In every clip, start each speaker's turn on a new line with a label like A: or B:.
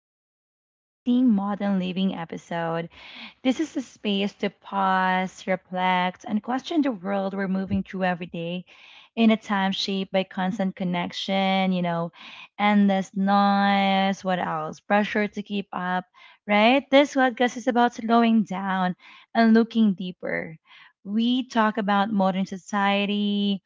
A: Vibes, the Society Modern Living episode. This is a space to pause, reflect, and question the world we're moving through every day in a time shaped by constant connection, you know, endless noise, what else? Pressure to keep up, right? This podcast is about slowing down and looking deeper. We talk about modern society,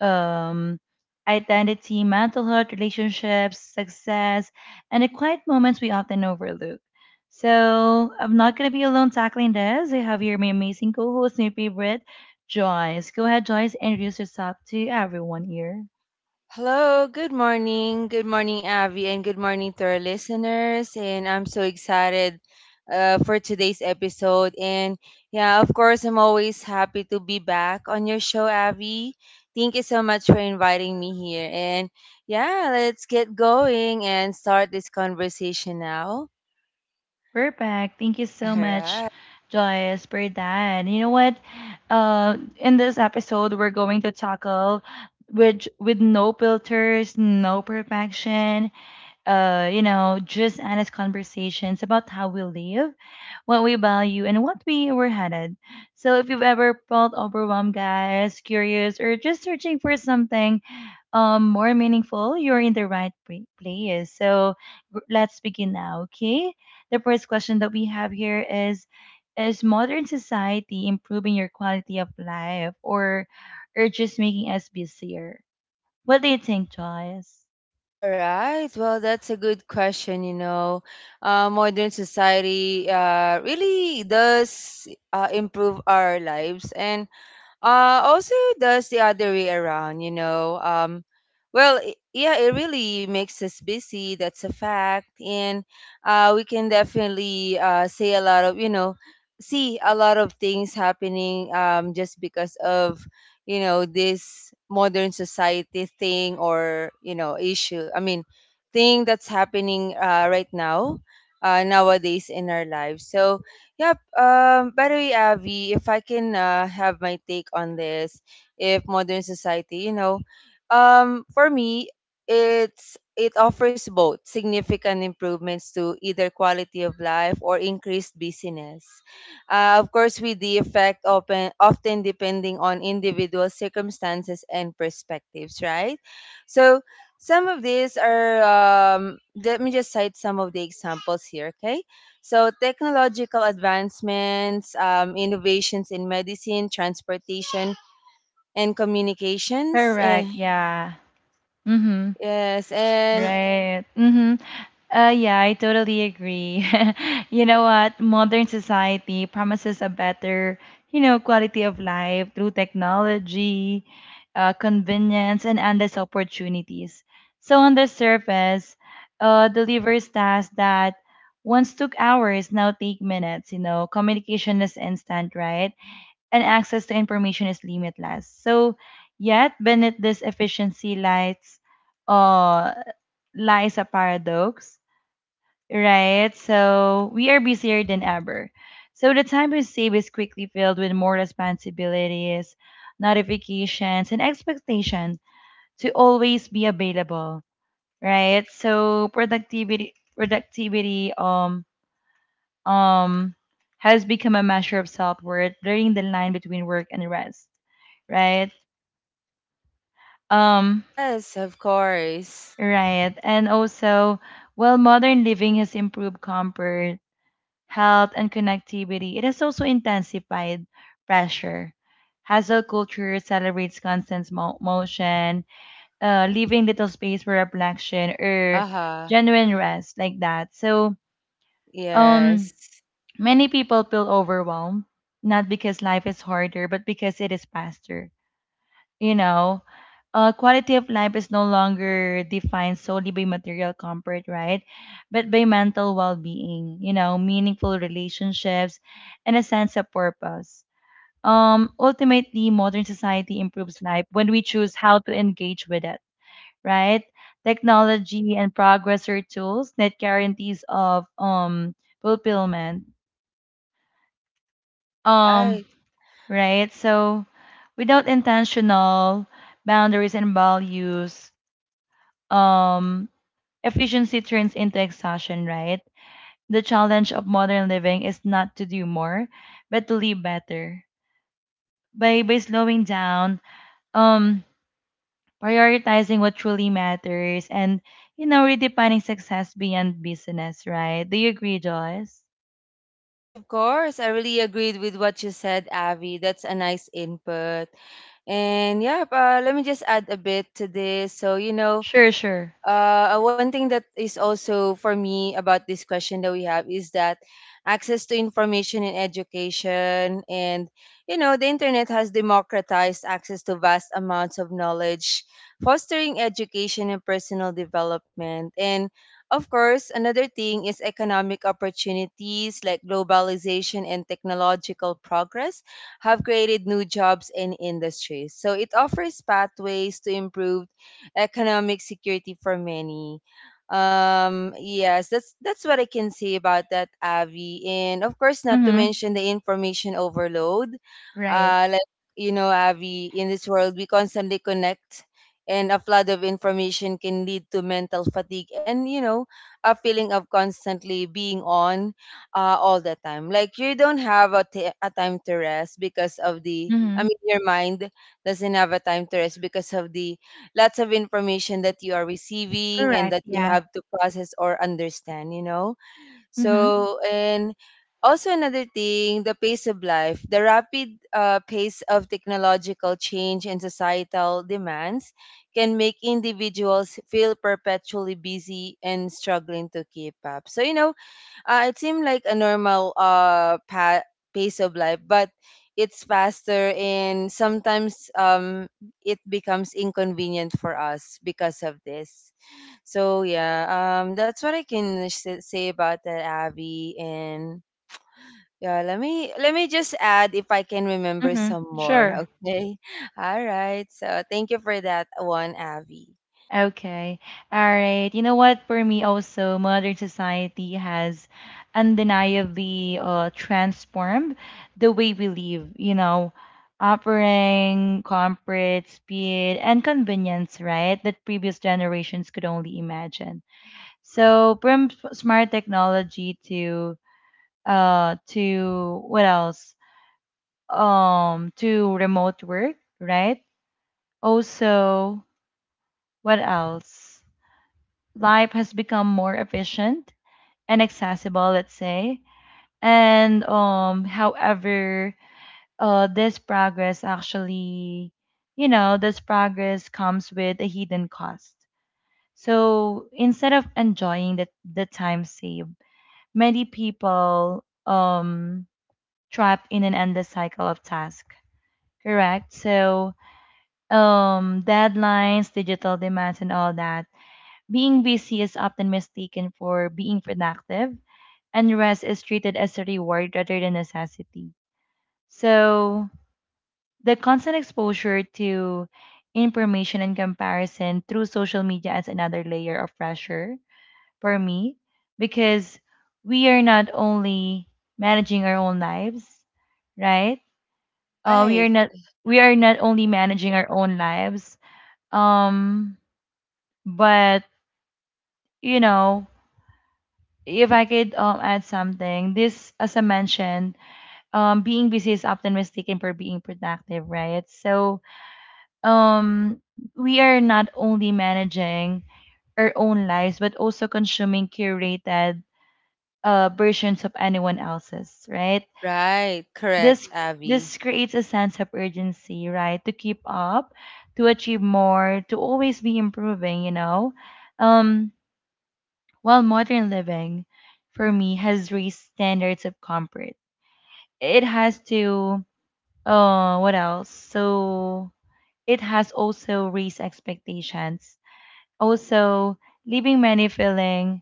A: um, identity, mental health, relationships, success, and the quiet moments we often overlook. So I'm not going to be alone tackling this. I have here my amazing co host, my favorite, Joyce. Go ahead, Joyce, introduce yourself to everyone here.
B: Hello, good morning. Good morning, Avi, and good morning to our listeners. And I'm so excited for today's episode. And yeah, of course, I'm always happy to be back on your show, Avi. Thank you so much for inviting me here. And yeah, let's get going and start this conversation now.
A: Perfect. Thank you so
B: All
A: much,
B: right.
A: Joyce, for that. You know what? In this episode, we're going to tackle with no filters, no perfection, you know, just honest conversations about how we live, what we value, and what we were headed. So if you've ever felt overwhelmed, guys, curious, or just searching for something more meaningful, you're in the right place. So let's begin now, okay? The first question that we have here is modern society improving your quality of life or just making us busier? What do you think, Joyce?
B: All right. Well, that's a good question. You know, modern society really does improve our lives, and also does the other way around, you know. Well, yeah, it really makes us busy. That's a fact, and we can definitely say a lot of, you know, see a lot of things happening just because of, you know, this modern society thing or you know issue. I mean, thing that's happening right now, nowadays in our lives. So yep. By the way, Avi, if I can have my take on this, if modern society, you know, for me, it offers both significant improvements to either quality of life or increased busyness. Of course, with the effect open, often depending on individual circumstances and perspectives, right? So some of these are let me just cite some of the examples here, okay? So, technological advancements, innovations in medicine, transportation, and communications. Eh,
A: Correct, yeah. Mm-hmm.
B: yes, and
A: Right. Mm-hmm. Yeah, I totally agree. You know what? Modern society promises a better, you know, quality of life through technology, convenience, and endless opportunities. So on the surface, delivers tasks that once took hours now take minutes. You know, communication is instant, right? And access to information is limitless. So, yet beneath this efficiency uh lies a paradox, right? So we are busier than ever. So the time we save is quickly filled with more responsibilities, notifications, and expectation to always be available, right? So productivity, um, has become a measure of self-worth, blurring the line between work and rest, right? Um,
B: yes, of course.
A: right, and also, while modern living has improved comfort health, and connectivity, it has also intensified pressure. Hustle culture celebrates constant motion, leaving little space for reflection or
B: Uh-huh.
A: genuine rest, like that. So, um,
B: Yes.
A: many people feel overwhelmed, not because life is harder, but because it is faster you know, quality of life is no longer defined solely by material comfort, right? But by mental well being, you know, meaningful relationships, and a sense of purpose. Ultimately, modern society improves life when we choose how to engage with it, right? Technology and progress are tools that guarantees of fulfillment. Um,
B: Right.
A: right? So, without intentional boundaries and values, um, efficiency turns into exhaustion, right? The challenge of modern living is not to do more, but to live better. By slowing down, um, prioritizing what truly matters, and you know, redefining success beyond business, right? Do you agree, Joyce?
B: Yes, of course. I really agreed with what you said, Avi. That's a nice input. And yeah, let me just add a bit to this. So, you know,
A: Sure, sure.
B: one thing that is also for me about this question that we have is that access to information and education and you know the internet has democratized access to vast amounts of knowledge, fostering education and personal development. And of course another thing is economic opportunities like globalization and technological progress have created new jobs and industries, so it offers pathways to improve economic security for many. Yes, that's what I can say about that, Avi. And of course, not to
A: Mm-hmm.
B: mention the information overload.
A: Right.
B: Like you know, Avi, in this world we constantly connect, and a flood of information can lead to mental fatigue and you know a feeling of constantly being on all the time. Like you don't have a a time to rest because of the. I
A: Mm-hmm.
B: mean, your mind doesn't have a time to rest because of the lots of information that you are receiving and
A: Correct.
B: that you
A: Yeah.
B: have to process or understand, you know.
A: Mm-hmm.
B: So, and also another thing, the pace of life, the rapid pace of technological change and societal demands can make individuals feel perpetually busy and struggling to keep up. So, you know, it seemed like a normal pace of life, but it's faster and sometimes it becomes inconvenient for us because of this. So yeah, that's what I can say about that, Abby. And yeah, let me just add if I can remember
A: Mm-hmm.
B: some
A: Sure.
B: more, okay? All right. So thank you for that one, Abby.
A: Okay. All right. You know what? For me, also, modern society has undeniably transformed the way we live, you know, offering comfort, speed, and convenience, right? That previous generations could only imagine. So, from smart technology to what else? To remote work, right? Also, what else? Life has become more efficient and accessible, let's say. And however, this progress actually, you know, this progress comes with a hidden cost. So instead of enjoying the time saved, many people trapped in an endless cycle of tasks. Correct. So deadlines, digital demands, and all that being busy is often mistaken for being productive and rest is treated as a reward rather than necessity. So, the constant exposure to information and comparison through social media adds another layer of pressure for me because we are not only managing our own lives, right? Uh, we
B: Right.
A: are not we are not only managing our own lives, um, but you know, if I could add something, this, as I mentioned, being busy is often mistaken for being productive right so um we are not only managing our own lives but also consuming curated versions of anyone else's right
B: Right. Correct,
A: this
B: Abby.
A: this creates a sense of urgency right to keep up to achieve more to always be improving you know um while modern living for me has raised standards of comfort it has to Oh, what else? So it has also raised expectations. Also, leaving many feeling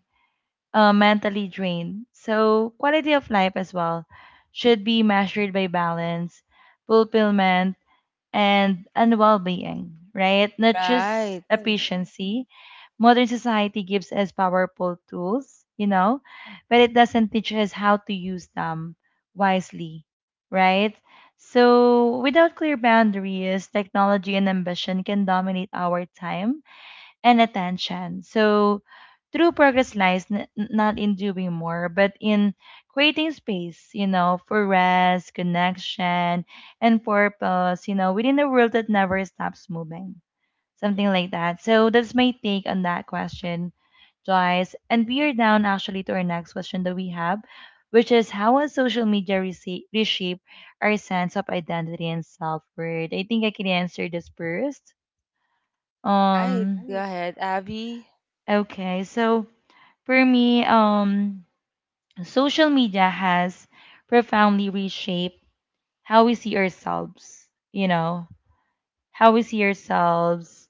A: mentally drained. So quality of life as well should be measured by balance, fulfillment, and well-being, right? Not just
B: Right.
A: Mm. efficiency. Modern society gives us powerful tools, you know, but it doesn't teach us how to use them wisely, right? So, without clear boundaries, technology and ambition can dominate our time and attention. So, true progress lies not in doing more, but in creating space, you know, for rest, connection, and purpose, you know, within a world that never stops moving. Something like that. So, that's my take on that question, Joyce. And we are down actually to our next question that we have, which is how has social media reshape our sense of identity and self worth? I think I can answer this first.
B: Right. Go
A: Um,
B: ahead, Abby.
A: Right. Okay, so for me, social media has profoundly reshaped how we see ourselves, you know, how we see ourselves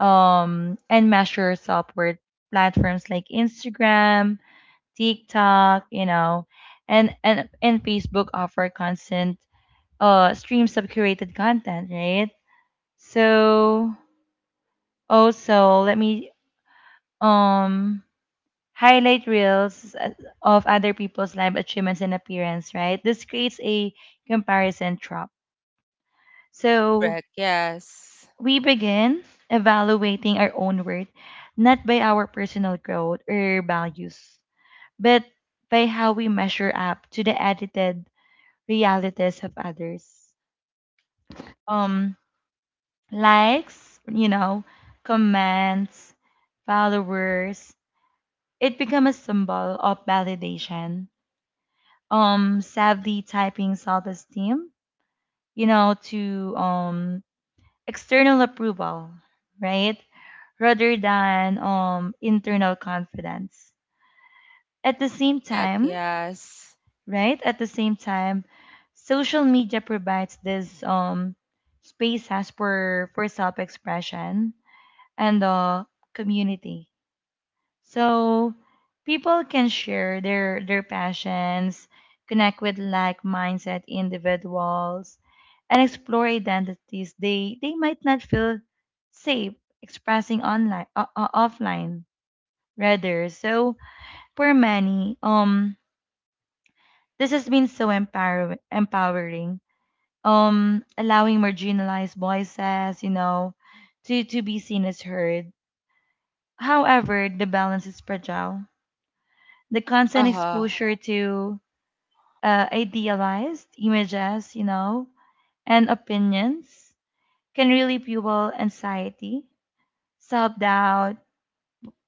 A: and measure our self worth. Platforms like Instagram, TikTok, you know, and Facebook offer constant streams of curated content, right? So, also, let me um, highlight reels of other people's live achievements and appearance, right? This creates a comparison trap. So
B: Correct. Yes.
A: we begin evaluating our own worth not by our personal growth or values, but by how we measure up to the edited realities of others. Um, Likes, you know, comments, followers, it becomes a symbol of validation sadly typing self-esteem, you know, to external approval, right? Rather than internal confidence. At the same
B: Correct.
A: time,
B: Yes.
A: right? At the same time, social media provides this spaces for self-expression and community. So people can share their passions, connect with like mindset individuals, and explore identities they might not feel safe expressing online offline rather. So for many, this has been so empowering. Allowing marginalized voices, you know, to be seen as heard. However, the balance is fragile the constant
B: Uh-huh.
A: exposure to idealized images, you know, and opinions can really fuel anxiety, self doubt,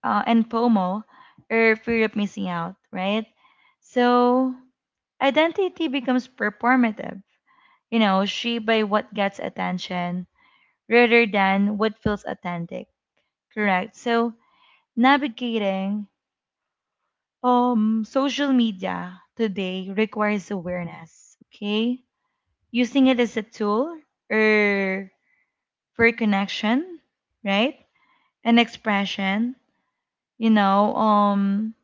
A: and FOMO or fear of missing out, right? So identity becomes performative, you know, shaped by what gets attention rather than what feels authentic, correct? So navigating social media today requires awareness, okay? Using it as a tool or for connection, right? And expression, you know,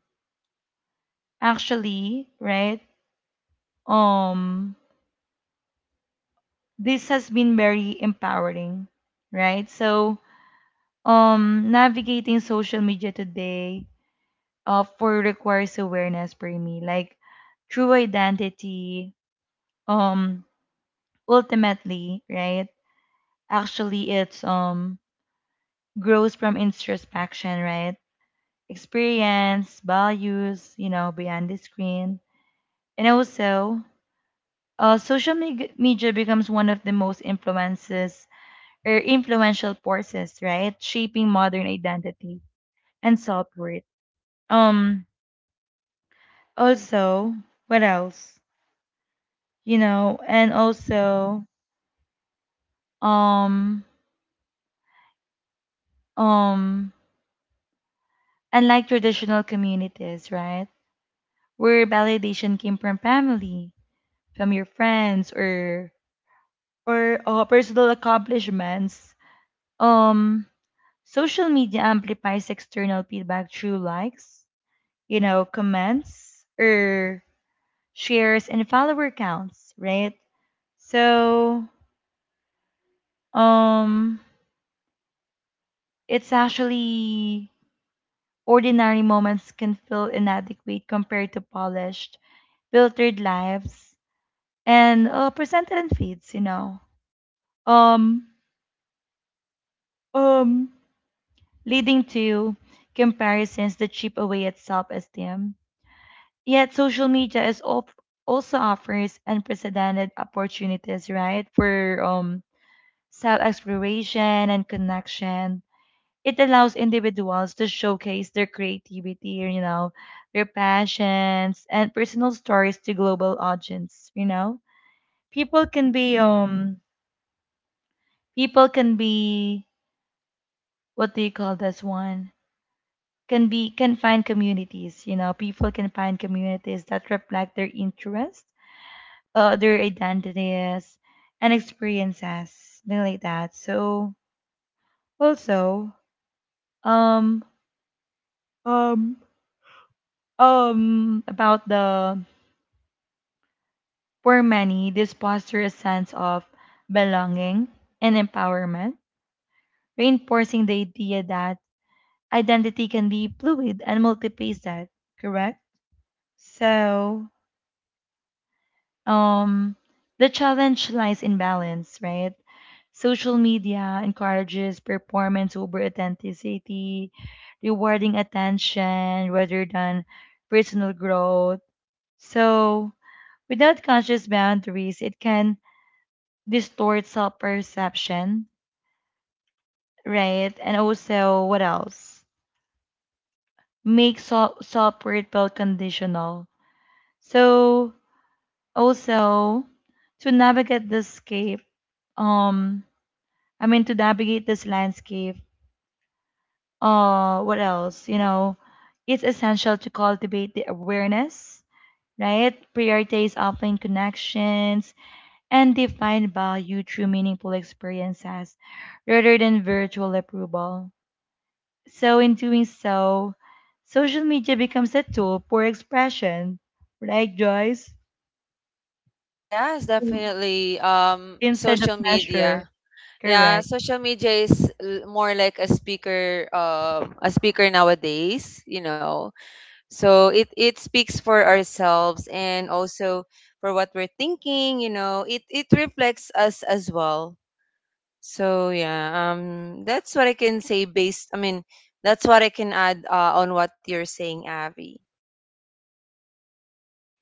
A: actually, right? Um this has been very empowering, right? So, navigating social media today for requires awareness for me, like true identity, um ultimately, right? Actually, it's grows from introspection, right? Experience, values, you know, behind the screen. And also, social media becomes one of the most influences or influential forces, right? Shaping modern identity and self-worth. Um, Also, what else? You know, and also, um, um, unlike traditional communities, right? Where validation came from family, from your friends, or personal accomplishments. Um, Social media amplifies external feedback through likes, you know, comments, or shares and follower counts, right? So, um, it's actually ordinary moments can feel inadequate compared to polished, filtered lives and presented in feeds, you know. Um, um, Leading to comparisons that chip away at self esteem. Yet, social media also offers unprecedented opportunities, right, for self exploration and connection. It allows individuals to showcase their creativity, you know, their passions and personal stories to global audience. You know, people can be um, people can be what do you call this one? Can find communities you know people can find communities that reflect their interests their identities and experiences things like that so also um um about the for many this foster a sense of belonging and empowerment reinforcing the idea that identity can be fluid and multifaceted correct so Um, the challenge lies in balance, right? Social media encourages performance over authenticity, rewarding attention rather than personal growth. So, without conscious boundaries, it can distort self perception, right? And also, what else? Make self worth feel conditional. So, also, to navigate this scape, um, I mean, to navigate this landscape, what else? You know, it's essential to cultivate the awareness, right? Prioritize offline connections and define value through meaningful experiences rather than virtual approval. So, in doing so, social media becomes a tool for expression, right, Joyce?
B: Yes,
A: Mm.
B: definitely.
A: Instead of
B: Social
A: measure.
B: media. Yeah,
A: Correct.
B: social media is more like a speaker nowadays, you know. So it speaks for ourselves and also for what we're thinking, you know. It reflects us as well. So yeah, that's what I can say based. I mean, that's what I can add on what you're saying, Avi.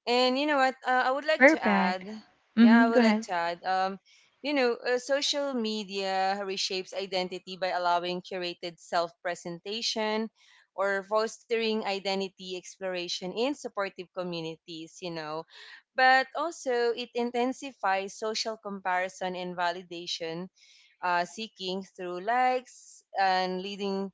B: And you know what? I would like to
A: Perfect.
B: add. Yeah,
A: Mm-hmm.
B: I
A: Go
B: would like
A: ahead.
B: to add. You know, social media reshapes identity by allowing curated self-presentation or fostering identity exploration in supportive communities. You know, but also it intensifies social comparison and validation seeking through likes and leading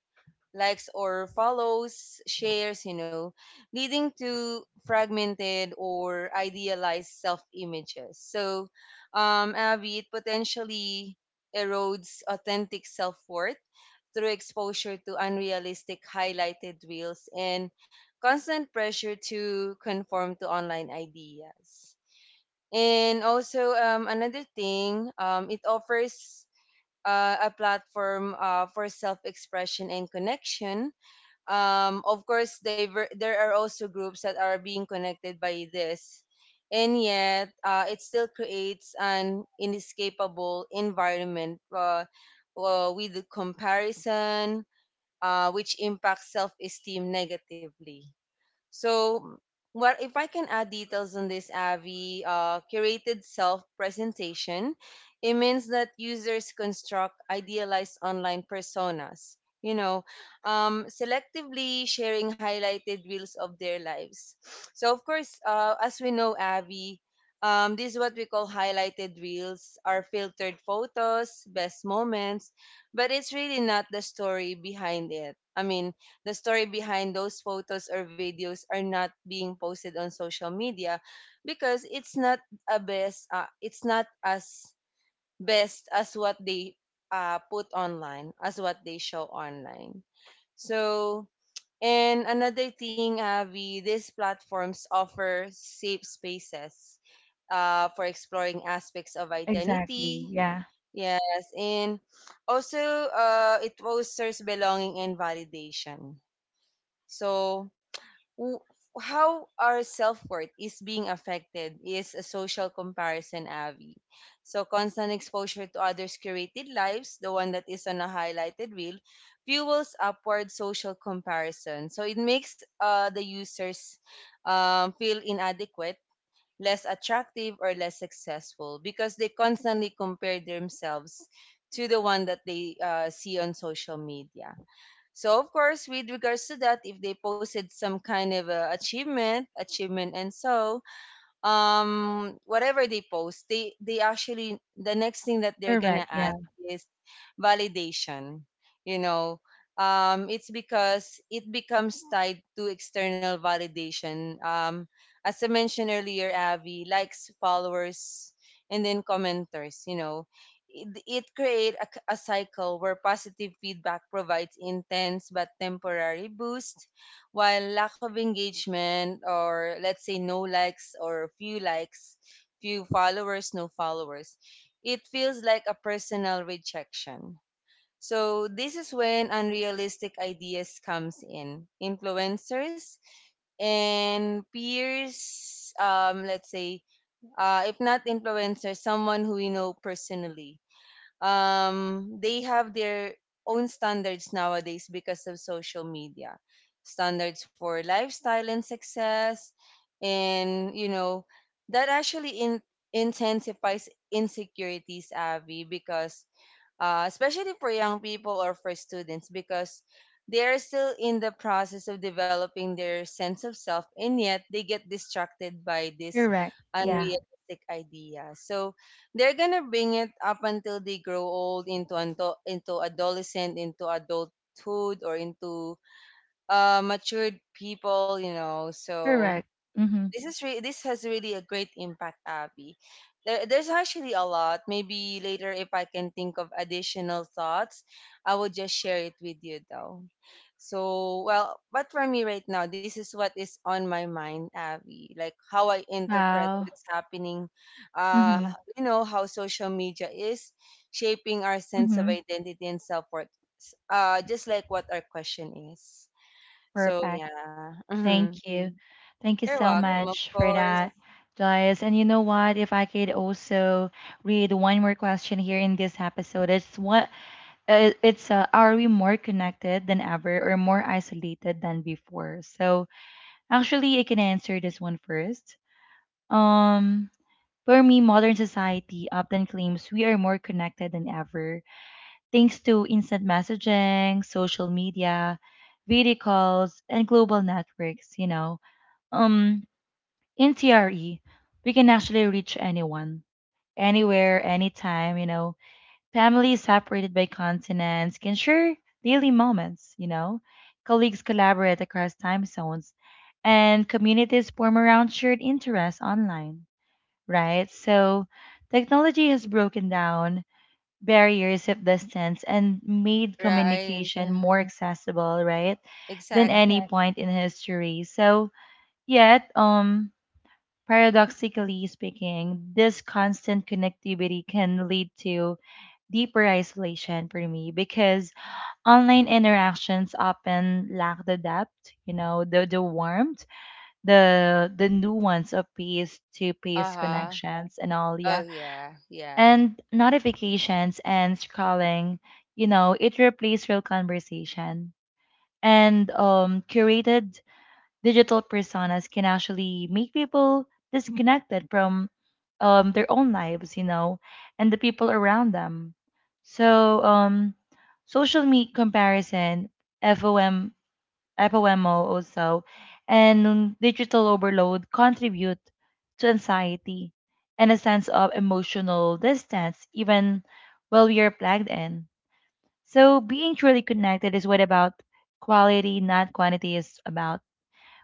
B: likes or follows, shares, you know, leading to fragmented or idealized self images. So, Abby, it potentially erodes authentic self worth through exposure to unrealistic highlighted reels and constant pressure to conform to online ideas. And also, another thing, it offers a platform for self-expression and connection. Of course, there are also groups that are being connected by this, and yet it still creates an inescapable environment with comparison, which impacts self-esteem negatively. So, what if I can add details on this, Avi, curated self presentation, it means that users construct idealized online personas, you know, selectively sharing highlighted reels of their lives. So, of course, as we know, Avi, this is what we call highlighted reels, are filtered photos, best moments, but it's really not the story behind it. I mean, the story behind those photos or videos are not being posted on social media because it's not a best it's not as best as what they put online, as what they show online. So, and another thing, Avi, these platforms offer safe spaces for exploring aspects of
A: Exactly.
B: identity.
A: Yeah.
B: Yes, and also it fosters belonging and validation. So, w- how our self-worth is being affected is a social comparison, Avi. So constant exposure to others curated lives, the one that is on a highlighted reel, fuels upward social comparison. So it makes the users feel inadequate, less attractive, or less successful because they constantly compare themselves to the one that they see on social media. So of course, with regards to that, if they posted some kind of a achievement, achievement, and so, whatever they post, they actually the next thing that they're gonna
A: Correct. Yeah.
B: ask is validation, you know. Um, it's because it becomes tied to external validation. Um, as I mentioned earlier, Avi, likes, followers, and then commenters, you know, it create a cycle where positive feedback provides intense but temporary boost, while lack of engagement, or let's say no likes or few likes, few followers, no followers, it feels like a personal rejection. So this is when unrealistic ideas comes in. Influencers and peers, let's say, if not influencers, someone who we know personally, they have their own standards nowadays because of social media, standards for lifestyle and success. And you know that actually intensifies insecurities, Avi, because especially for young people or for students, because they are still in the process of developing their sense of self, and yet they get distracted by this
A: Correct. Yeah.
B: unrealistic idea. So they're gonna bring it up until they grow old into into adolescent, into adulthood, or into matured people, you know. So
A: Correct. Mm-hmm.
B: this has really a great impact, Abby. There's actually a lot. Maybe later, if I can think of additional thoughts, I will just share it with you, though. So, well, but for me right now, this is what is on my mind, Abby. Like how I interpret
A: Wow.
B: what's happening. Uh,
A: Mm-hmm.
B: you know how social media is shaping our sense of
A: Mm-hmm.
B: identity and self worth. Just like what our question is. So
A: Perfect.
B: yeah, you
A: Thank you. Mm. Thank you
B: you're
A: so
B: welcome, of
A: much for
B: course.
A: that, Joyce. And you know what? If I could also read one more question here in this episode, it's what it's are we more connected than ever or more isolated than before? So actually, I can answer this one first. Um, for me, modern society often claims we are more connected than ever thanks to instant messaging, social media, video calls, and global networks, you know. Um, in TRE, we can actually reach anyone, anywhere, anytime, you know. Families separated by continents can share daily moments, you know. Colleagues collaborate across time zones, and communities form around shared interests online, right? So technology has broken down barriers of distance and made
B: Right.
A: communication more accessible, right, than any
B: Exactly.
A: Correct. Point in history. So, yet, paradoxically speaking, this constant connectivity can lead to deeper isolation for me because online interactions often lack the depth, you know, the warmth, the nuance of peace to peace Mm.
B: Uh-huh.
A: connections and all. Yeah,
B: Oh yeah, yeah.
A: and notifications and scrolling, you know, it replaced real conversation and curated digital personas can actually make people disconnected from their own lives, you know, and the people around them. So social media comparison, fom FOMO also, and digital overload contribute to anxiety and a sense of emotional distance, even while we are plugged in. So, being truly connected is what about quality, not quantity, is about.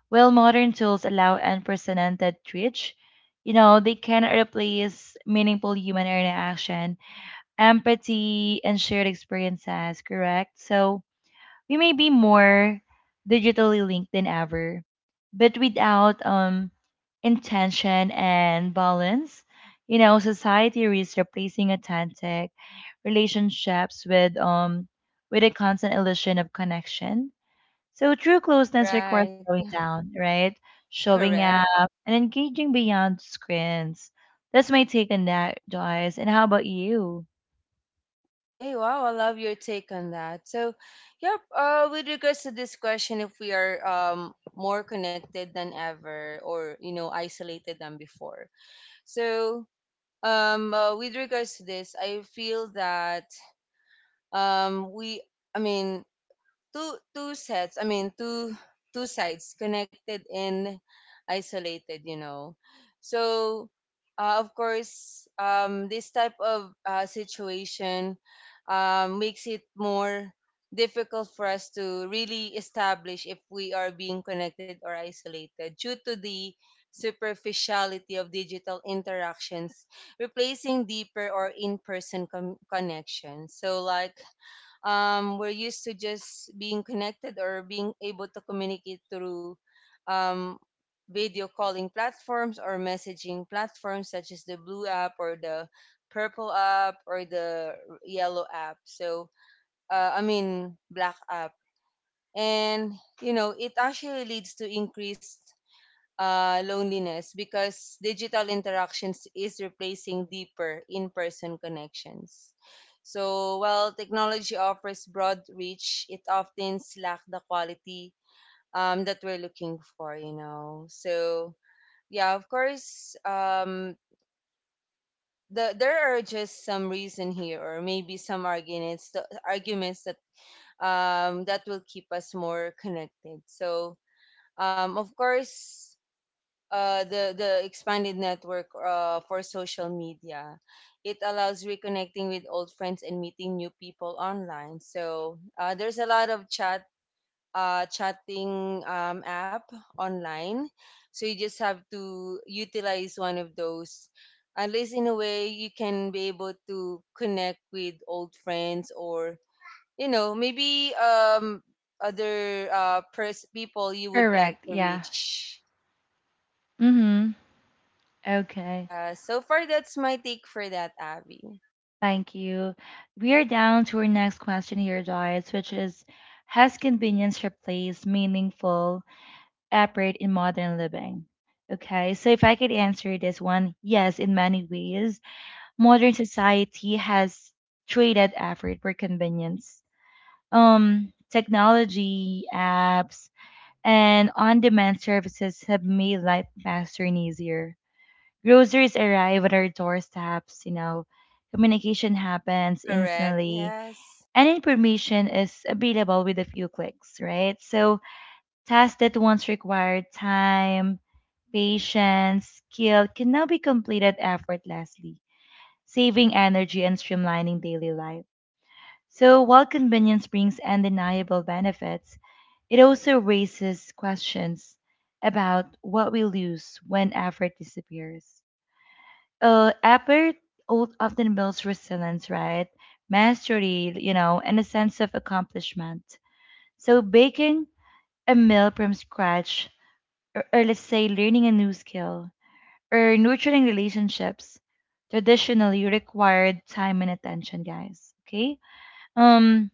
A: While modern tools allow unprecedented reach, you know, they cannot replace meaningful human interaction, empathy, and shared experiences, correct? So, we may be more digitally linked than ever, but without intention and balance, you know, society risks replacing authentic relationships with a constant illusion of connection. So true closeness requires
B: Right.
A: slowing down, right? Showing
B: Correct.
A: up and engaging beyond screens. That's my take on that, Joyce. And how about you?
B: Okay, wow, I love your take on that. So, yep, with regards to this question, if we are more connected than ever or, you know, isolated than before. So, with regards to this, I feel that we I mean, two sets I mean two sides, connected and isolated, you know. So of course, this type of situation makes it more difficult for us to really establish if we are being connected or isolated, due to the superficiality of digital interactions replacing deeper or in-person connections. So like we're used to just being connected or being able to communicate through um, video calling platforms or messaging platforms such as the blue app, or the purple app, or the yellow app. So, I mean, black app. And, you know, it actually leads to increased loneliness because digital interactions is replacing deeper in-person connections. So while technology offers broad reach, it often lacks the quality that we're looking for, you know. So yeah, of course, there are just some reason here, or maybe some arguments, the arguments that that will keep us more connected. So of course, the expanded network for social media. It allows reconnecting with old friends and meeting new people online. So there's a lot of chat chatting app online. So you just have to utilize one of those. At least in a way, you can be able to connect with old friends, or you know maybe other people you would like
A: Correct.
B: to
A: Yeah.
B: reach.
A: Mm-hmm. Okay.
B: Yeah. So far, that's my take for that, Abby.
A: Thank you. We are down to our next question here, guys, which is, has convenience replaced meaningful effort in modern living? Okay, so if I could answer this one, yes, in many ways. Modern society has traded effort for convenience. Technology, apps, and on demand services have made life faster and easier. Groceries arrive at our doorsteps, you know, communication happens
B: Correct.
A: instantly
B: Yes.
A: and information is available with a few clicks, right? So tasks that once required time, patience, skill can now be completed effortlessly, saving energy and streamlining daily life. So while convenience brings undeniable benefits, it also raises questions about what we lose when effort disappears. Effort often builds resilience, right? Mastery, you know, and a sense of accomplishment. So baking a meal from scratch, or let's say learning a new skill, or nurturing relationships, traditionally required time and attention, guys. Okay? Um,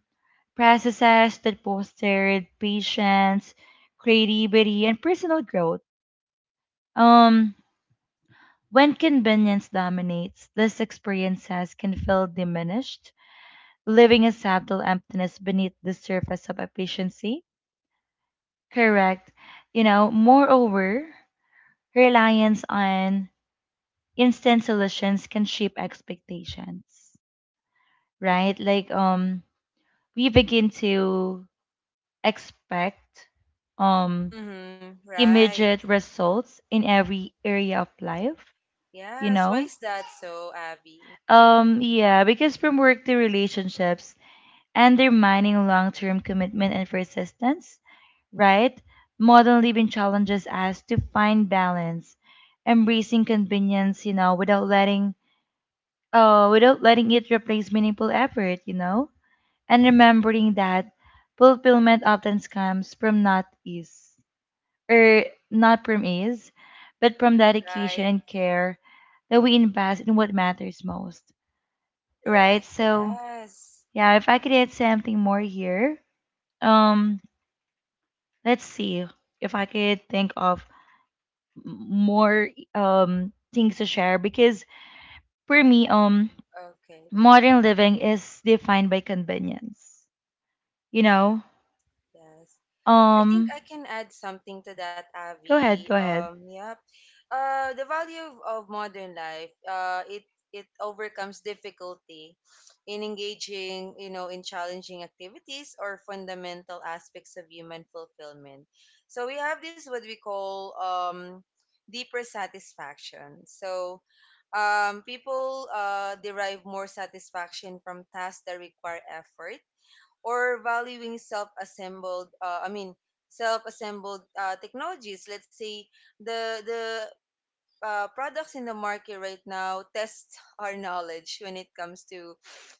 A: Processes that fostered patience, creativity, and personal growth. Um, when convenience dominates, these experiences can feel diminished, leaving a subtle emptiness beneath the surface of efficiency. Correct. You know, moreover, reliance on instant solutions can shape expectations, right? Like we begin to expect um
B: Mm-hmm. Right.
A: immediate results in every area of life, you
B: Yes. Why
A: know?
B: is that so, Abby?
A: Yeah, because from work to relationships, undermining long-term commitment and persistence, right? Modern living challenges us to find balance, embracing convenience, you know, without letting, oh, without letting it replace meaningful effort, you know? And remembering that fulfillment often comes from not ease, or not from ease, but from dedication
B: Right.
A: and care that we invest in what matters most, right?
B: Correct.
A: So,
B: Yes.
A: yeah, if I could add something more here, um, let's see if I could think of more things to share because for me,
B: Okay.
A: modern living is defined by convenience. You know?
B: Yes. I think
A: Um
B: I can add something to that,
A: Go
B: Avi.
A: ahead, go ahead.
B: Yep. The value of modern life, it overcomes difficulty in engaging, you know, in challenging activities or fundamental aspects of human fulfillment. So we have this what we call deeper satisfaction. So people derive more satisfaction from tasks that require effort, or valuing self-assembled, I mean, self-assembled technologies, let's say the products in the market right now test our knowledge when it comes to,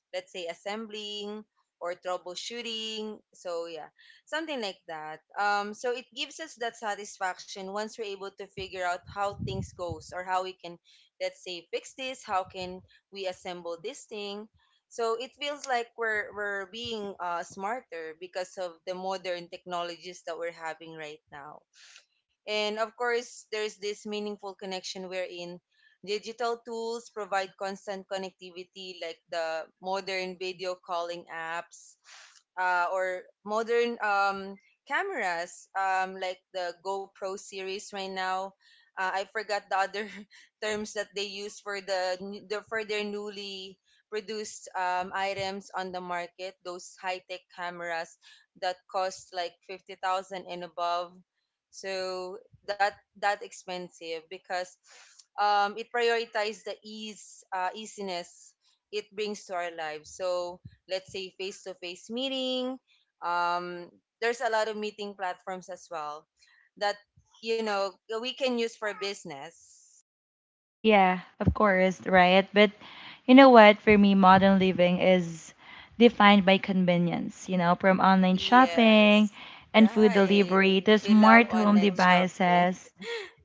B: let's say, assembling or troubleshooting. So yeah, something like that. So it gives us that satisfaction once we're able to figure out how things goes, or how we can, let's say, fix this. How can we assemble this thing? So it feels like we're being smarter because of the modern technologies that we're having right now. And of course, there's this meaningful connection wherein digital tools provide constant connectivity, like the modern video calling apps, or modern, cameras, like the GoPro series right now. I forgot the other terms that they use for their newly produced items on the market. Those high tech cameras that cost like 50,000 and above. So that that expensive because it prioritizes the ease, easiness it brings to our lives. So let's say face-to-face meeting, um, there's a lot of meeting platforms as well that, you know, we can use for business.
A: Yeah, of course, right? But you know what? For me, modern living is defined by convenience, you know, from online shopping
B: Yes.
A: and food
B: Right.
A: delivery to
B: We love
A: smart home
B: online shopping.
A: devices.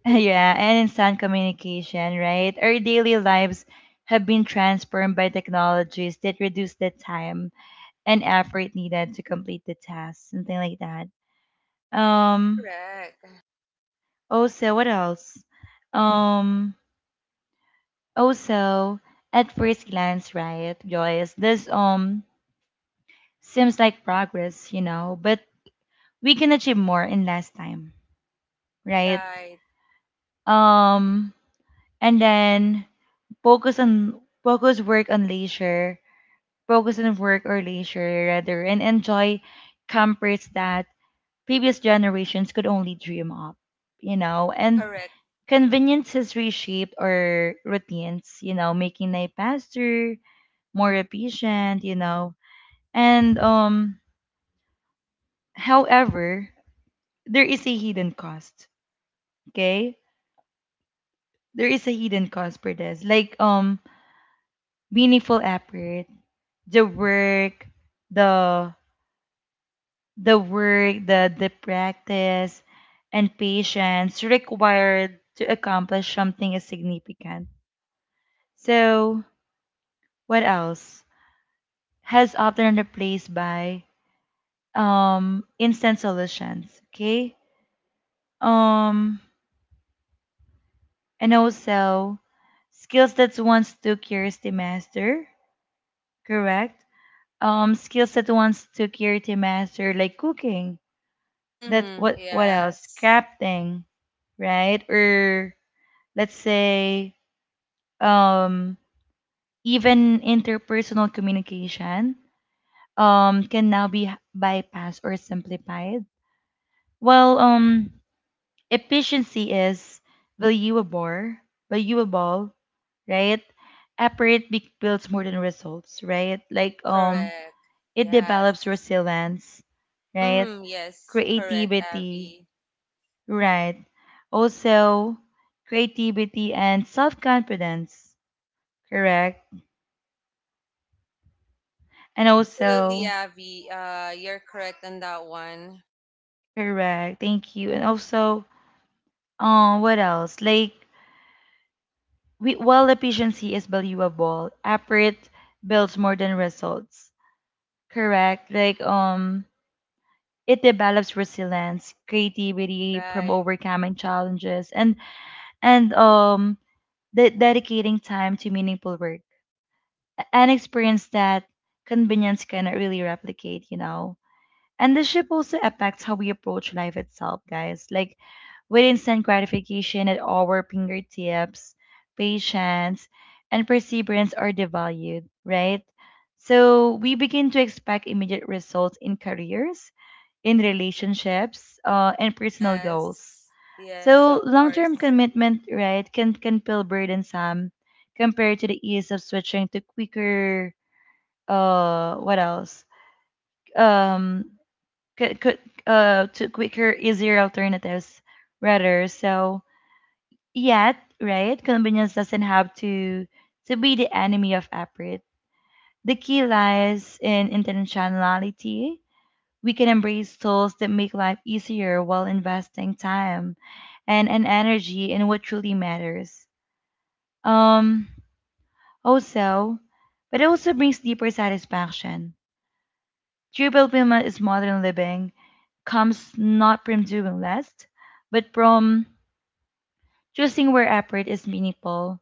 A: Yeah, and instant communication, right? Our daily lives have been transformed by technologies that reduce the time and effort needed to complete the task, something like that. Um,
B: Correct.
A: Also, what else? Um, Also, at first glance, right, Joyce, this seems like progress, you know, but we can achieve more in less time, right?
B: Right.
A: Um, and then focus work on leisure, focus on work or leisure rather, and enjoy comforts that previous generations could only dream of, you know, and
B: Correct.
A: conveniences reshaped our routines, you know, making life faster, more efficient, you know. And However, there is a hidden cost. Okay? There is a hidden cost for this. Like meaningful effort, the work, the the work, the practice and patience required to accomplish something is significant. So what else? Has often replaced by instant solutions. Okay? Um And also skills that once took years to master, correct? Skills that once took years to master, like cooking. That
B: Mm-hmm.
A: what else?
B: Yes.
A: Crafting, right? Or let's say um even interpersonal communication can now be bypassed or simplified. Well, efficiency is valuable, valuable, right? Effort builds more than results, right? Like
B: Correct.
A: it develops
B: Yes.
A: resilience, right?
B: Mm, yes, correct,
A: Creativity,
B: Avi.
A: right? Also, creativity and self-confidence, correct? And
B: Absolutely,
A: also,
B: Avi. You're correct on that one.
A: correct. Thank you. And also, what else? Like, while efficiency is valuable, effort builds more than results. Correct. Like it develops resilience, creativity from
B: Right.
A: overcoming challenges, and and um dedicating time to meaningful work. An experience that convenience cannot really replicate, you know. And the ship also affects how we approach life itself, guys. Like with instant gratification at our fingertips, patience and perseverance are devalued, right? So we begin to expect immediate results in careers, in relationships, and personal goals.
B: Yes. Yes, of
A: So long-term
B: course.
A: commitment, right, can feel burdensome compared to the ease of switching to quicker what else? Um could To quicker easier alternatives rather. So yet, right, convenience doesn't have to be the enemy of effort. The key lies in intentionality. We can embrace tools that make life easier while investing time and energy in what truly matters. Um Also, but it also brings deeper satisfaction. True fulfillment is modern living comes not from doing less, but from choosing where effort is meaningful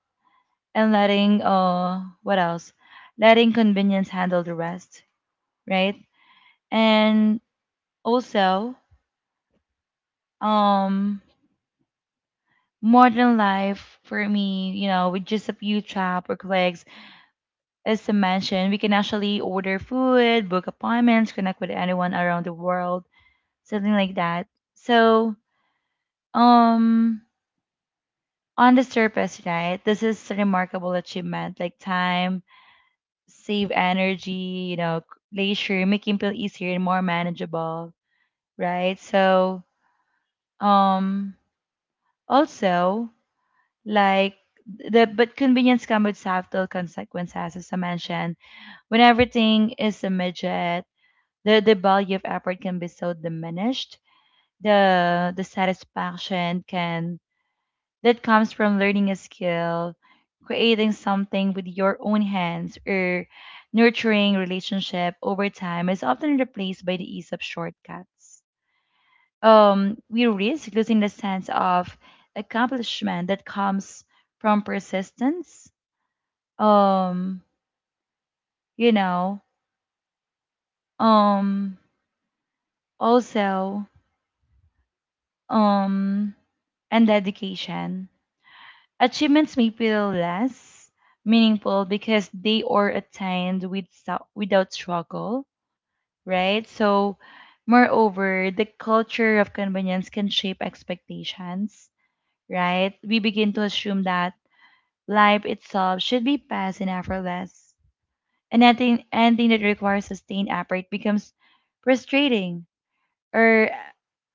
A: and letting, what else, letting convenience handle the rest, right? And also, um modern life for me, you know, with just a few tap or clicks, as I mentioned, we can actually order food, book appointments, connect with anyone around the world, something like that. So um on the surface, right, this is a remarkable achievement, like time save energy, you know, leisure, making feel easier and more manageable, right? So, um, also, like the but convenience comes with subtle consequences, as I mentioned. When everything is a midget, the value of effort can be so diminished. The satisfaction can that comes from learning a skill, creating something with your own hands, or nurturing relationship over time is often replaced by the ease of shortcuts. We risk losing the sense of accomplishment that comes from persistence. Um, you know, um, Also, um, and dedication. Achievements may feel less meaningful because they are attained with, without struggle, right? So, moreover, the culture of convenience can shape expectations, right? We begin to assume that life itself should be fast and effortless, and anything that requires sustained effort becomes frustrating or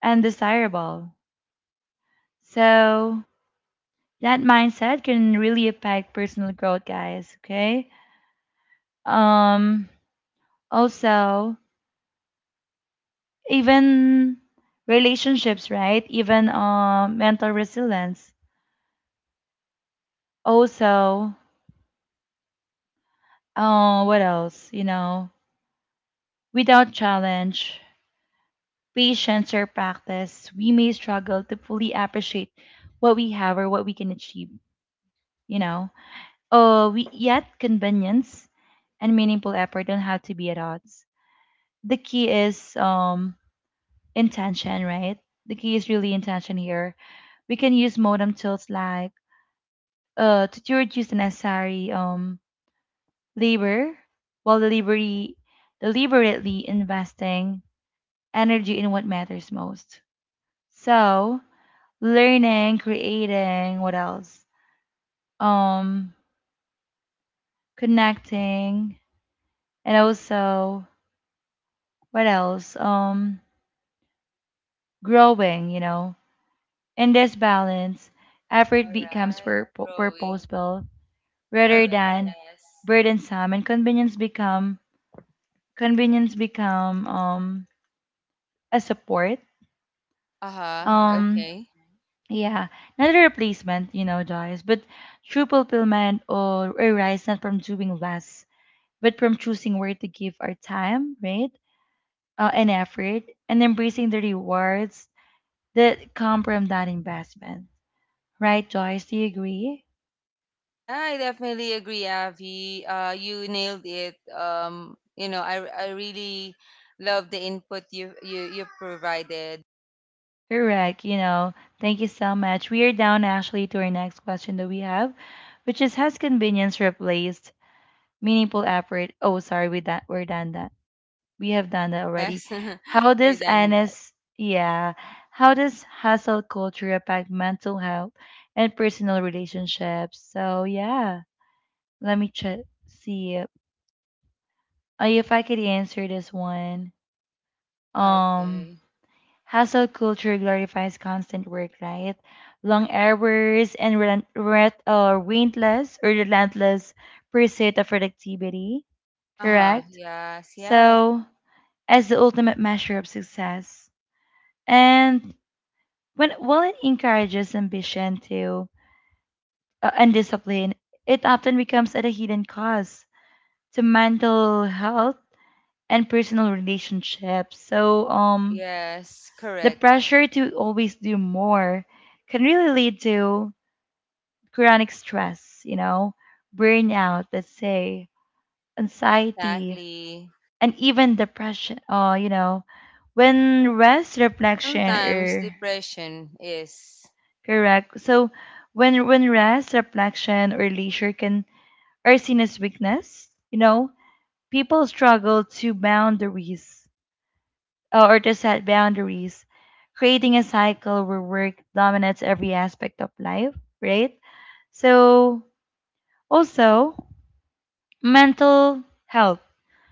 A: undesirable. So, that mindset can really affect personal growth, guys, okay? um Also, even relationships, right, even mental resilience. Also, what else, you know, without challenge, patience or practice, we may struggle to fully appreciate what we have or what we can achieve, you know. We Yet convenience and meaningful effort don't have to be at odds. The key is intention, right? The key is really intention here. We can use modem tools like to reduce the necessary labor while deliberately investing energy in what matters most. So learning, creating, what else? Um Connecting, and also what else? Growing, you know. In this balance, effort
B: All
A: becomes
B: right. Growing.
A: purposeful rather
B: Correct.
A: than
B: Yes.
A: burdensome, and convenience become a support.
B: Uh-huh.
A: um
B: Okay.
A: yeah, not a replacement, you know, Joyce. But true fulfillment or arise not from doing less, but from choosing where to give our time, right, and effort, and embracing the rewards that come from that investment, right? Joyce, do you agree?
B: Yeah, I definitely agree, Avi. You nailed it. You know, I really love the input you provided.
A: Correct. You know, thank you so much. We are down actually to our next question that we have, which is, has convenience replaced meaningful effort? Oh, sorry, we that we're done that. We have done that already.
B: Yes. Other
A: How does
B: than that.
A: Anis, yeah, how does hustle culture affect mental health and personal relationships? So, yeah, let me check, see if I could answer this one. Um,
B: Okay.
A: Hustle culture glorifies constant work, right? Long hours and relentless pursuit of productivity,
B: Uh-huh.
A: correct?
B: Yes, yes.
A: So, as the ultimate measure of success, and when while it encourages ambition to and discipline, it often becomes at a hidden cost to mental health and personal relationships.
B: Yes,
A: The
B: correct.
A: pressure to always do more can really lead to chronic stress, you know, burnout, let's say, anxiety,
B: Exactly.
A: and even depression. Oh, you know, when rest, reflection,
B: Sometimes
A: or
B: depression is.
A: Correct. So when rest, reflection, or leisure can are seen as weakness, you know, people struggle to boundaries or to set boundaries, creating a cycle where work dominates every aspect of life, right? So, also, mental health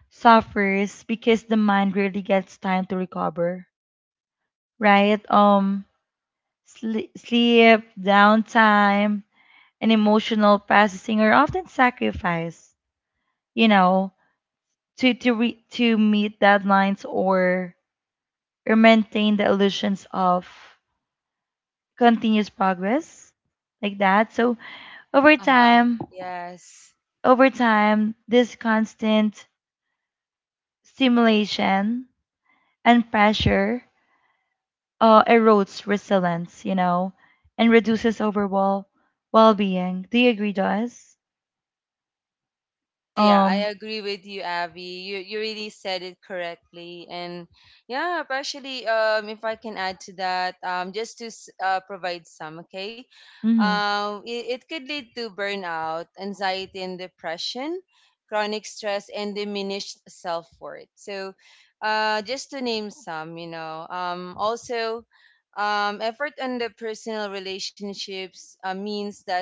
A: suffers because the mind really gets time to recover, right? Sleep, downtime, and emotional processing are often sacrificed, you know, to meet deadlines or maintain the illusions of continuous progress like that. So over
B: Uh huh.
A: time,
B: Yes.
A: over time, this constant stimulation and pressure erodes resilience, you know, and reduces overall well-being. Do you agree, Joyce?
B: Yeah, yeah,
A: Um.
B: I agree with you, Abby. You really said it correctly, and yeah, actually, if I can add to that, just to provide some. Okay,
A: Mm-hmm.
B: it could lead to burnout, anxiety and depression, chronic stress, and diminished self worth. So, just to name some, you know. Also, effort on the personal relationships, means that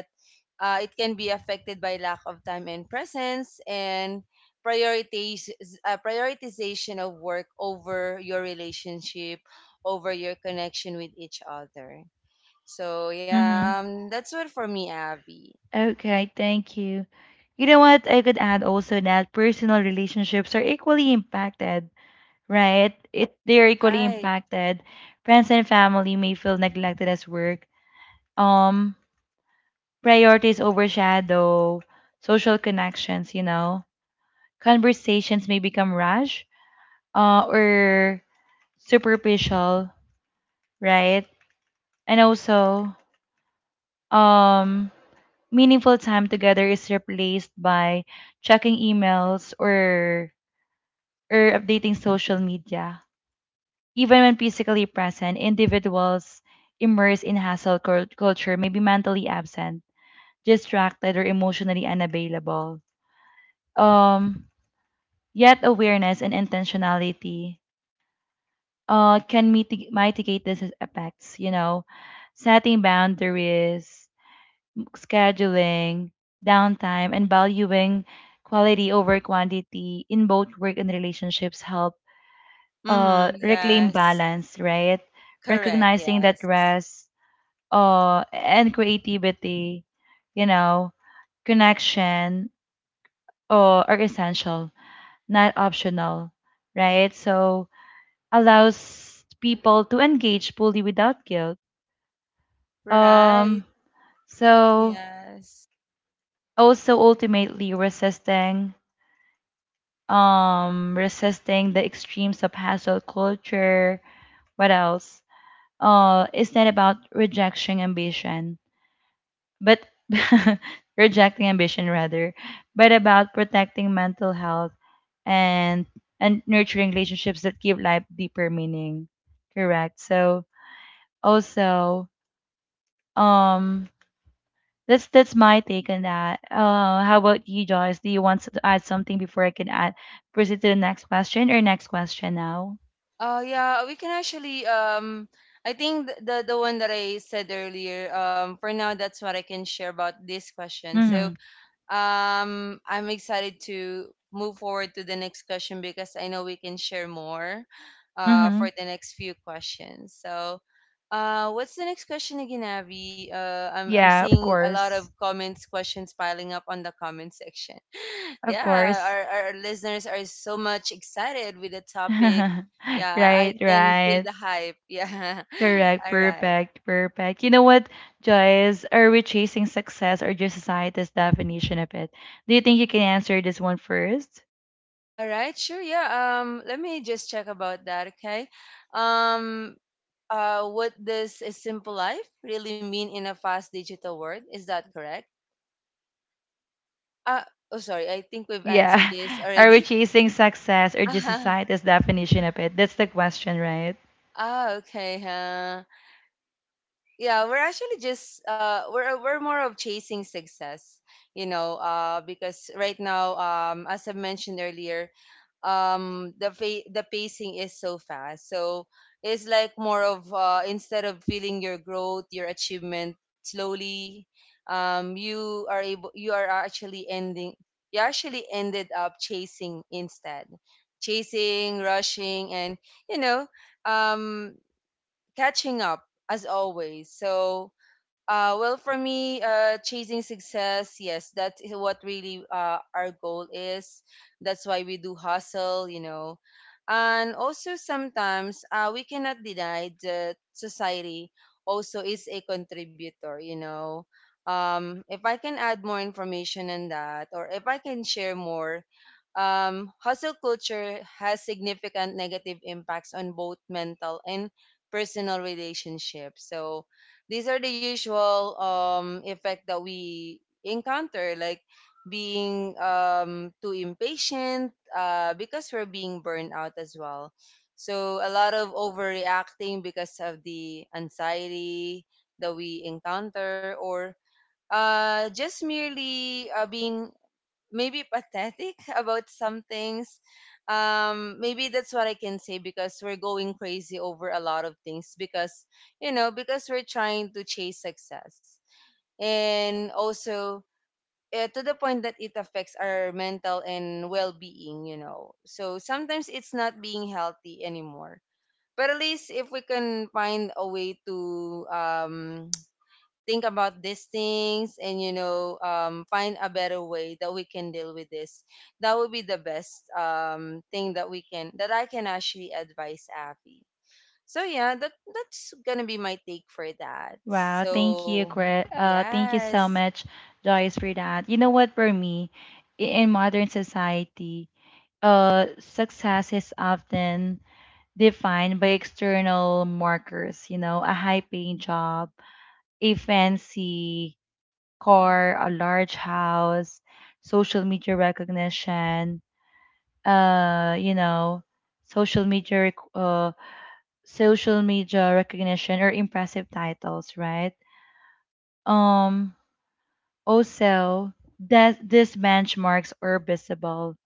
B: it can be affected by lack of time and presence, and priorities, prioritization of work over your relationship, over your connection with each other. So yeah,
A: Mm-hmm.
B: that's what for me, Abby.
A: Okay. Thank you. You know what? I could add also that personal relationships are equally impacted, right? It They're equally
B: Right.
A: impacted. Friends and family may feel neglected as work Um, priorities overshadow social connections. You know, conversations may become rash, or superficial, right? And also, um, meaningful time together is replaced by checking emails or updating social media. Even when physically present, individuals immersed in culture may be mentally absent, distracted, or emotionally unavailable. Um, Yet awareness and intentionality can mitigate these effects, you know, setting boundaries, scheduling, downtime, and valuing quality over quantity in both work and relationships help
B: Mm-hmm.
A: reclaim
B: Yes.
A: balance, right?
B: Correct.
A: Recognizing that
B: Yes.
A: rest, and creativity, you know, connection are essential, not optional, right? So allows people to engage fully without guilt.
B: Right.
A: Um, so
B: Yes.
A: also ultimately resisting the extremes of hustle culture. What else? It's not about rejection ambition but rejecting ambition rather, but about protecting mental health and and nurturing relationships that give life deeper meaning. Correct. So also, um, that's my take on that. How about you, Joyce? Do you want to add something before I can add proceed to the next question or next question now?
B: Oh yeah, we can actually, I think the one that I said earlier, for now that's what I can share about this question. So,
A: Mm-hmm.
B: I'm excited to move forward to the next question because I know we can share more
A: Mm-hmm.
B: for the next few questions. So, what's the next question again, Abby? I'm
A: Yeah, of
B: seeing a lot of
A: course.
B: comments, questions piling up on the comment section.
A: Of
B: Yeah,
A: course.
B: our listeners are so much excited with the topic. Yeah, I
A: Right,
B: can feel
A: right.
B: the hype. Yeah.
A: Correct.
B: All right.
A: Perfect. Perfect. You know what, Joyce? Are we chasing success or just society's definition of it? Do you think you can answer this one first?
B: All right, sure. Yeah. Let me just check about that. Okay. Um, what does a simple life really mean in a fast digital world? Is that correct? Uh, oh, sorry. I think we've answered
A: Yeah.
B: this
A: Are we
B: already.
A: chasing success or just society's definition of it? That's the question, right?
B: Ah, okay. Huh. Yeah, we're actually just we're more of chasing success, you know. Because right now, as I mentioned earlier, the the pacing is so fast, so it's like more of, instead of feeling your growth, your achievement slowly, you are able you are actually ending you actually ended up chasing instead, chasing, rushing and, you know, um catching up as always. So, well, for me, chasing success, yes, that is what really our goal is. That's why we do hustle, you know. And also, sometimes we cannot deny that society also is a contributor, you know. If I can add more information on that, or if I can share more, hustle culture has significant negative impacts on both mental and personal relationships. So these are the usual effect that we encounter, like being too impatient, because we're being burned out as well. So a lot of overreacting because of the anxiety that we encounter, or just merely being maybe pathetic about some things. Maybe that's what I can say, because we're going crazy over a lot of things because, you know, because we're trying to chase success. And also, to the point that it affects our mental and well being, you know. So sometimes it's not being healthy anymore. But at least if we can find a way to, think about these things and, you know, find a better way that we can deal with this, that would be the best thing that we can that I can actually advise, Abby. So yeah, that's gonna be my take for that.
A: Wow, thank you,
B: So
A: Chris. Thank you so
B: yes.
A: much, Joyce, for that. You know what, for me, in modern society, success is often defined by external markers, you know, a high paying job, a fancy car, a large house, social media recognition, uh, you know, social media, rec- uh, social media recognition or impressive titles, right? Um, also that these benchmarks are visible,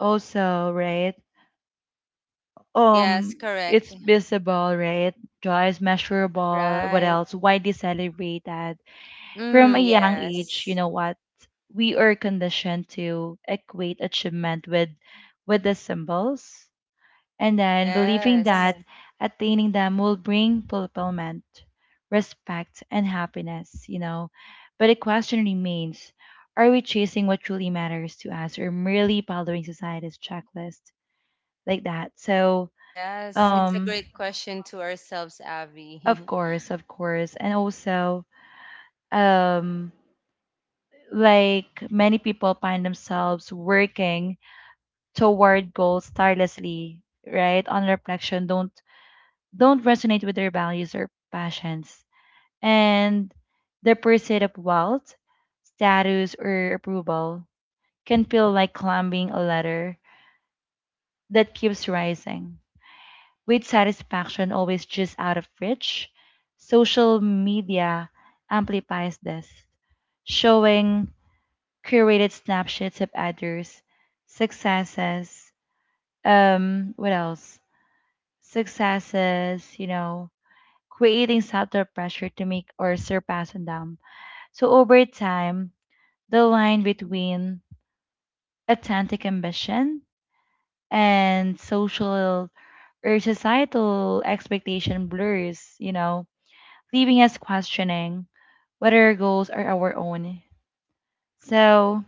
A: also, right?
B: Yes,
A: Um,
B: correct.
A: it's visible, right? Joy is measurable. What
B: Right.
A: else? Widely celebrated.
B: Mm,
A: From a young age, you
B: yes.
A: know what? We are conditioned to equate achievement with the symbols and then believing
B: Yes.
A: that attaining them will bring fulfillment, respect, and happiness, you know. But the question remains, are we chasing what truly matters to us or merely following society's checklist like that? So,
B: Yes, it's a
A: um,
B: great question to ourselves,
A: of
B: Abby.
A: course, of course. And also, um like many people find themselves working toward goals tirelessly right on reflection don't resonate with their values or passions, and the pursuit of wealth, status or approval can feel like climbing a ladder that keeps rising with satisfaction always just out of reach. Social media amplifies this, showing curated snapshots of others, successes, um, what else? You know, creating subtle pressure to make or surpass them. So over time, the line between authentic ambition and social or societal expectation blurs, you know, leaving us questioning whether our goals are our own. So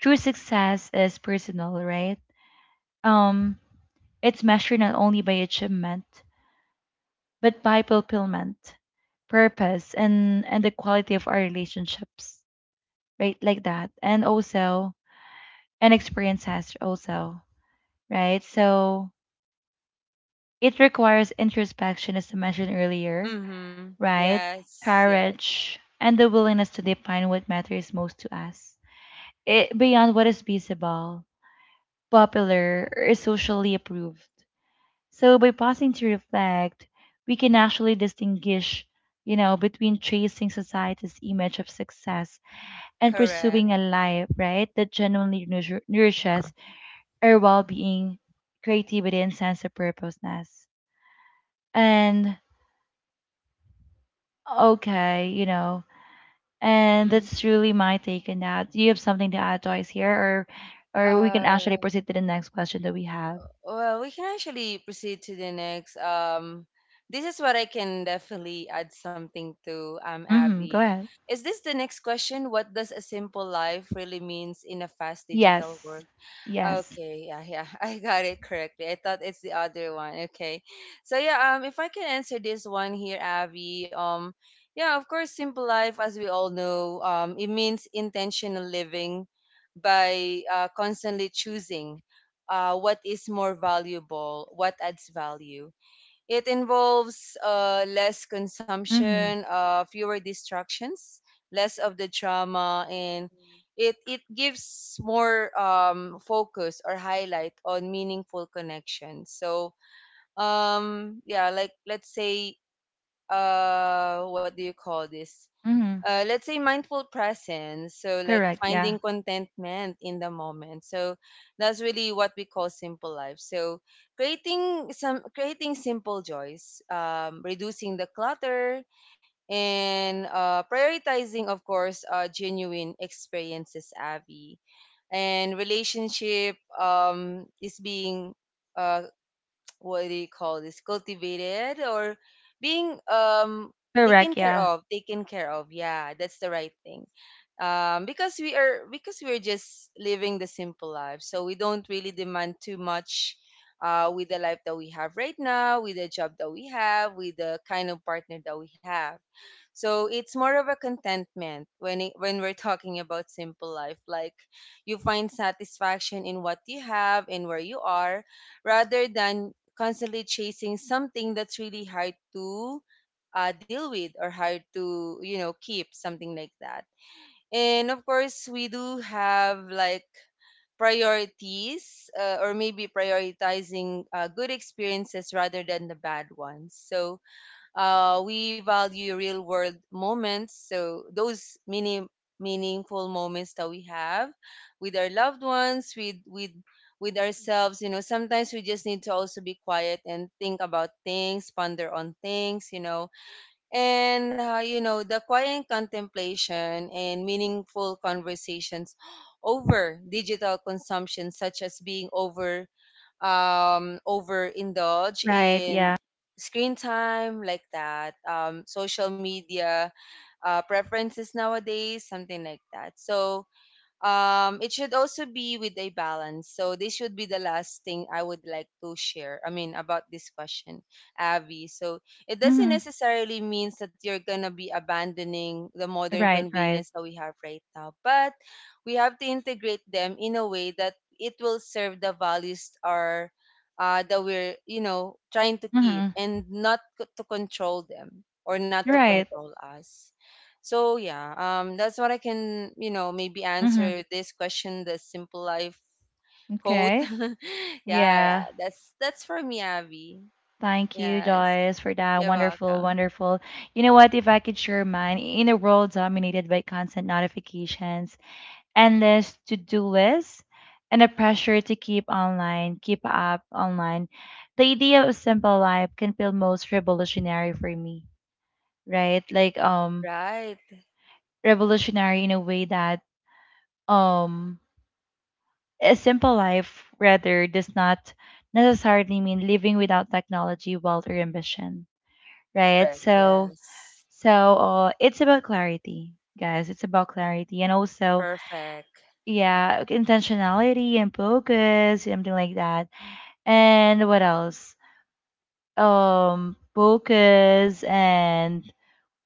A: true success is personal, right? Um, it's measured not only by achievement, but by fulfillment, purpose, and the quality of our relationships, right? Like that, and also and experiences also, right? So it requires introspection, as I mentioned earlier,
B: Mm-hmm.
A: right?
B: Yes. Yes,
A: Courage and the willingness to define what matters most to us, beyond what is visible, popular, or socially approved. So by pausing to reflect, we can actually distinguish, you know, between chasing society's image of success and
B: correct.
A: pursuing a life, right, that nourishes our well-being, creativity, and sense of purposeness. And okay, you know, and
B: Mm.
A: that's truly my take on that. Do you have something to add, Joyce, here, or we can
B: Uh,
A: actually proceed to the next question that we have?
B: well, we can actually proceed to the next. This is what I can definitely add something to,
A: Mm-hmm. Go
B: Abby.
A: ahead.
B: Is this the next question? What does a simple life really means in a fast digital
A: Yes.
B: world?
A: Yes.
B: Okay, yeah, yeah, I got it correctly. I thought it's the other one. Okay, so yeah, if I can answer this one here, Avi, yeah, of course, simple life, as we all know, it means intentional living by constantly choosing what is more valuable, what adds value. It involves less
A: Mm-hmm.
B: consumption, fewer distractions, less of the drama, and it gives more focus or highlight on meaningful connections. So yeah, like let's say, what do you call this?
A: Mm-hmm.
B: Let's say mindful presence, so like
A: Correct. Yeah.
B: finding contentment in the moment. So that's really what we call simple life. So creating some creating simple joys, reducing the clutter and prioritizing, of course, genuine experiences, Avi, and relationship, is being, uh, what do you call this, cultivated, or being taken
A: Correct,
B: care
A: yeah.
B: of, taken care of. Yeah, that's the right thing. Because we are because we're just living the simple life, so we don't really demand too much with the life that we have right now, with the job that we have, with the kind of partner that we have. So it's more of a contentment when when we're talking about simple life. Like, you find satisfaction in what you have and where you are, rather than constantly chasing something that's really hard to, deal with, or hard to, you know, keep, something like that. And of course we do have like priorities, or maybe prioritizing good experiences rather than the bad ones. So we value real world moments. So those mini meaningful moments that we have with our loved ones, with ourselves, you know. Sometimes we just need to also be quiet and think about things, ponder on things, you know. And, you know, the quiet contemplation and meaningful conversations over digital consumption, such as being over, overindulge
A: Right,
B: in
A: yeah.
B: screen time, like that, social media preferences nowadays, something like that. So it should also be with a balance. So this should be the last thing I would like to share, I mean about this question, Abby. So it doesn't
A: Mhm.
B: necessarily means that you're gonna be abandoning the modern
A: Right, right.
B: convenience that we have right now, but we have to integrate them in a way that it will serve the values, are that we're, you know, trying to keep,
A: Mhm.
B: and not to control them, or not to
A: Right.
B: control us. So yeah, that's what I can, you know, maybe answer
A: Mhm.
B: this question, the simple life quote.
A: Okay.
B: Yeah, yeah,
A: Yeah.
B: that's for me, Abby.
A: Thank you,
B: Yes,
A: Joyce, for that.
B: you're
A: Wonderful,
B: welcome.
A: wonderful. You know what? If I could share mine, in a world dominated by constant notifications, endless to-do lists, and a pressure to keep online, keep up online, the idea of simple life can feel most revolutionary for me, right?
B: Right,
A: Revolutionary in a way that um a simple life, rather, does not necessarily mean living without technology, wealth, or ambition, right?
B: correct.
A: So,
B: Yes,
A: so it's about clarity, guys. It's about clarity, and also,
B: perfect.
A: yeah, intentionality and focus, something like that. And what else? Focus and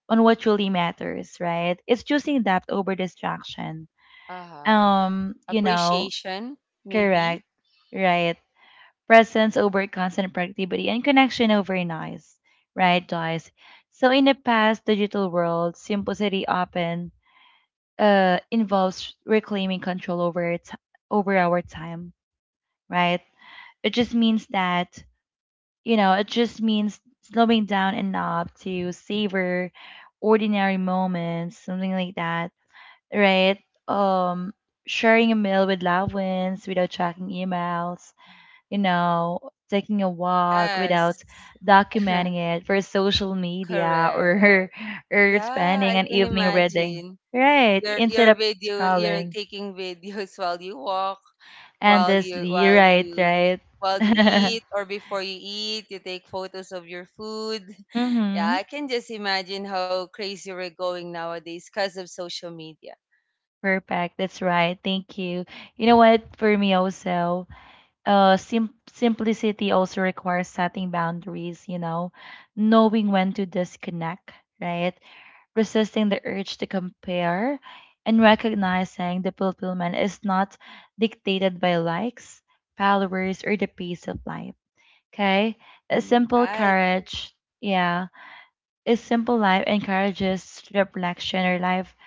A: on what truly matters, right? It's choosing depth over distraction.
B: Uh huh.
A: Um, you know,
B: Appreciation, maybe.
A: correct, right? Presence over constant productivity and connection over noise, right, guys? So in the past digital world, simplicity often involves reclaiming control over over our time, right? It just means that you know, it just means slowing down enough to savor ordinary moments, something like that, right? Um, sharing a meal with loved ones without checking emails, you know, taking a walk without
B: Yes,
A: documenting it for social media,
B: correct.
A: or or
B: Yeah, I
A: spending an
B: can
A: evening reading.
B: imagine.
A: Right,
B: your
A: instead
B: your
A: of
B: video, you're
A: scrolling
B: taking videos while you walk, while you
A: endlessly.
B: while
A: Right,
B: you
A: right.
B: while you eat, or before you eat you take photos of your food. Yeah,
A: Mm-hmm.
B: I can just imagine how crazy we're going nowadays because of social media.
A: Perfect. That's right. Thank you. You know what? For me also, simplicity also requires setting boundaries. You know, knowing when to disconnect, right? Resisting the urge to compare, and recognizing the fulfillment is not dictated by likes, followers, or the pace of life. Okay? A simple
B: Right.
A: courage, yeah, a simple life encourages reflection or life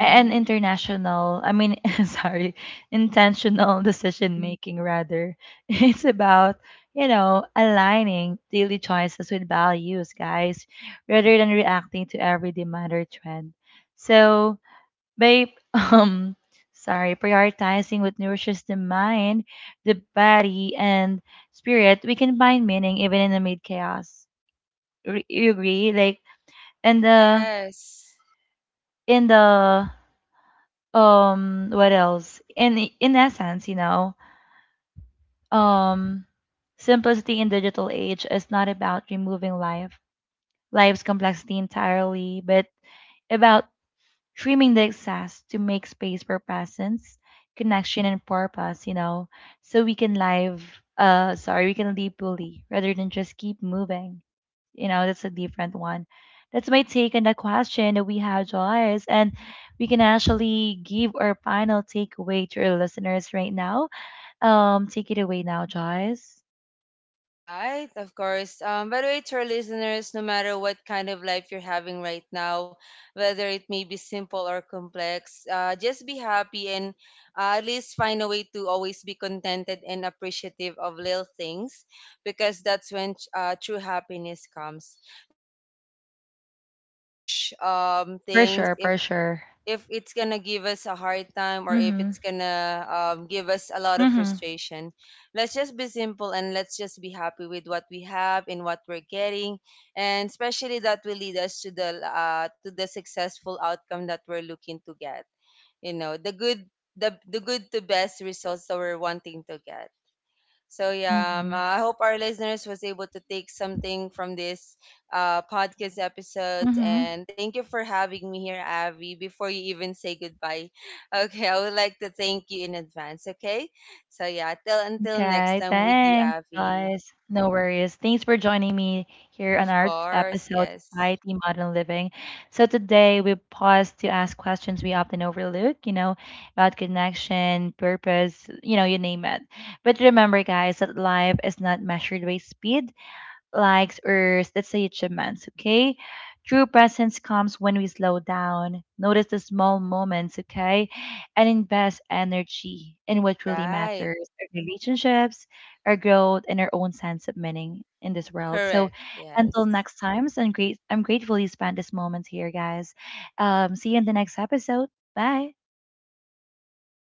A: and international I mean sorry intentional decision making rather. It's about, you know, aligning daily choices with values, guys, rather than reacting to every demand or trend. So by um sorry prioritizing what nourishes the mind, the body, and spirit, we can find meaning even in the mid chaos. You agree? Like, and
B: Yes.
A: the, what else in essence, you know, um simplicity in digital age is not about removing life's complexity entirely, but about trimming the excess to make space for presence, connection, and purpose, you know, so we can live sorry we can live fully rather than just keep moving, you know. That's a different one. That's my take on the question that we have, Joyce, and we can actually give our final takeaway to our listeners right now. Take it away now, Joyce.
B: Right, of course. By the way, to our listeners, no matter what kind of life you're having right now, whether it may be simple or complex, just be happy and, at least find a way to always be contented and appreciative of little things, because that's when true happiness comes. Let's not try to chase huge
A: For
B: things,
A: sure, for sure.
B: if it's gonna give us a hard time, or if
A: Mm-hmm.
B: it's gonna give us a lot of
A: Mm-hmm.
B: frustration. Let's just be simple, and let's just be happy with what we have and what we're getting, and especially that will lead us to the successful outcome that we're looking to get. You know, the good, the good to best results that we're wanting to get. So yeah,
A: Mm-hmm.
B: I hope our listeners was able to take something from this podcast episode.
A: Mm-hmm.
B: And thank you for having me here, Avi. Before you even say goodbye, okay, I would like to thank you in advance. Okay, so yeah, till until next
A: Okay,
B: time with you,
A: thanks,
B: Avi.
A: guys. No worries. Thanks for joining me here on
B: Of
A: our
B: course,
A: episode,
B: yes,
A: Society Modern Living. So today we pause to ask questions we often overlook, you know, about connection, purpose, you know, you name it. But remember, guys, that life is not measured by speed, likes, or let's say achievements, okay? True presence comes when we slow down, notice the small moments, okay? And invest energy in what really
B: right,
A: matters, our relationships, our growth, and our own sense of meaning in this world. So
B: correct,
A: until
B: yes.
A: next time, so I'm grateful you spent this moment here, guys. See you in the next episode. Bye.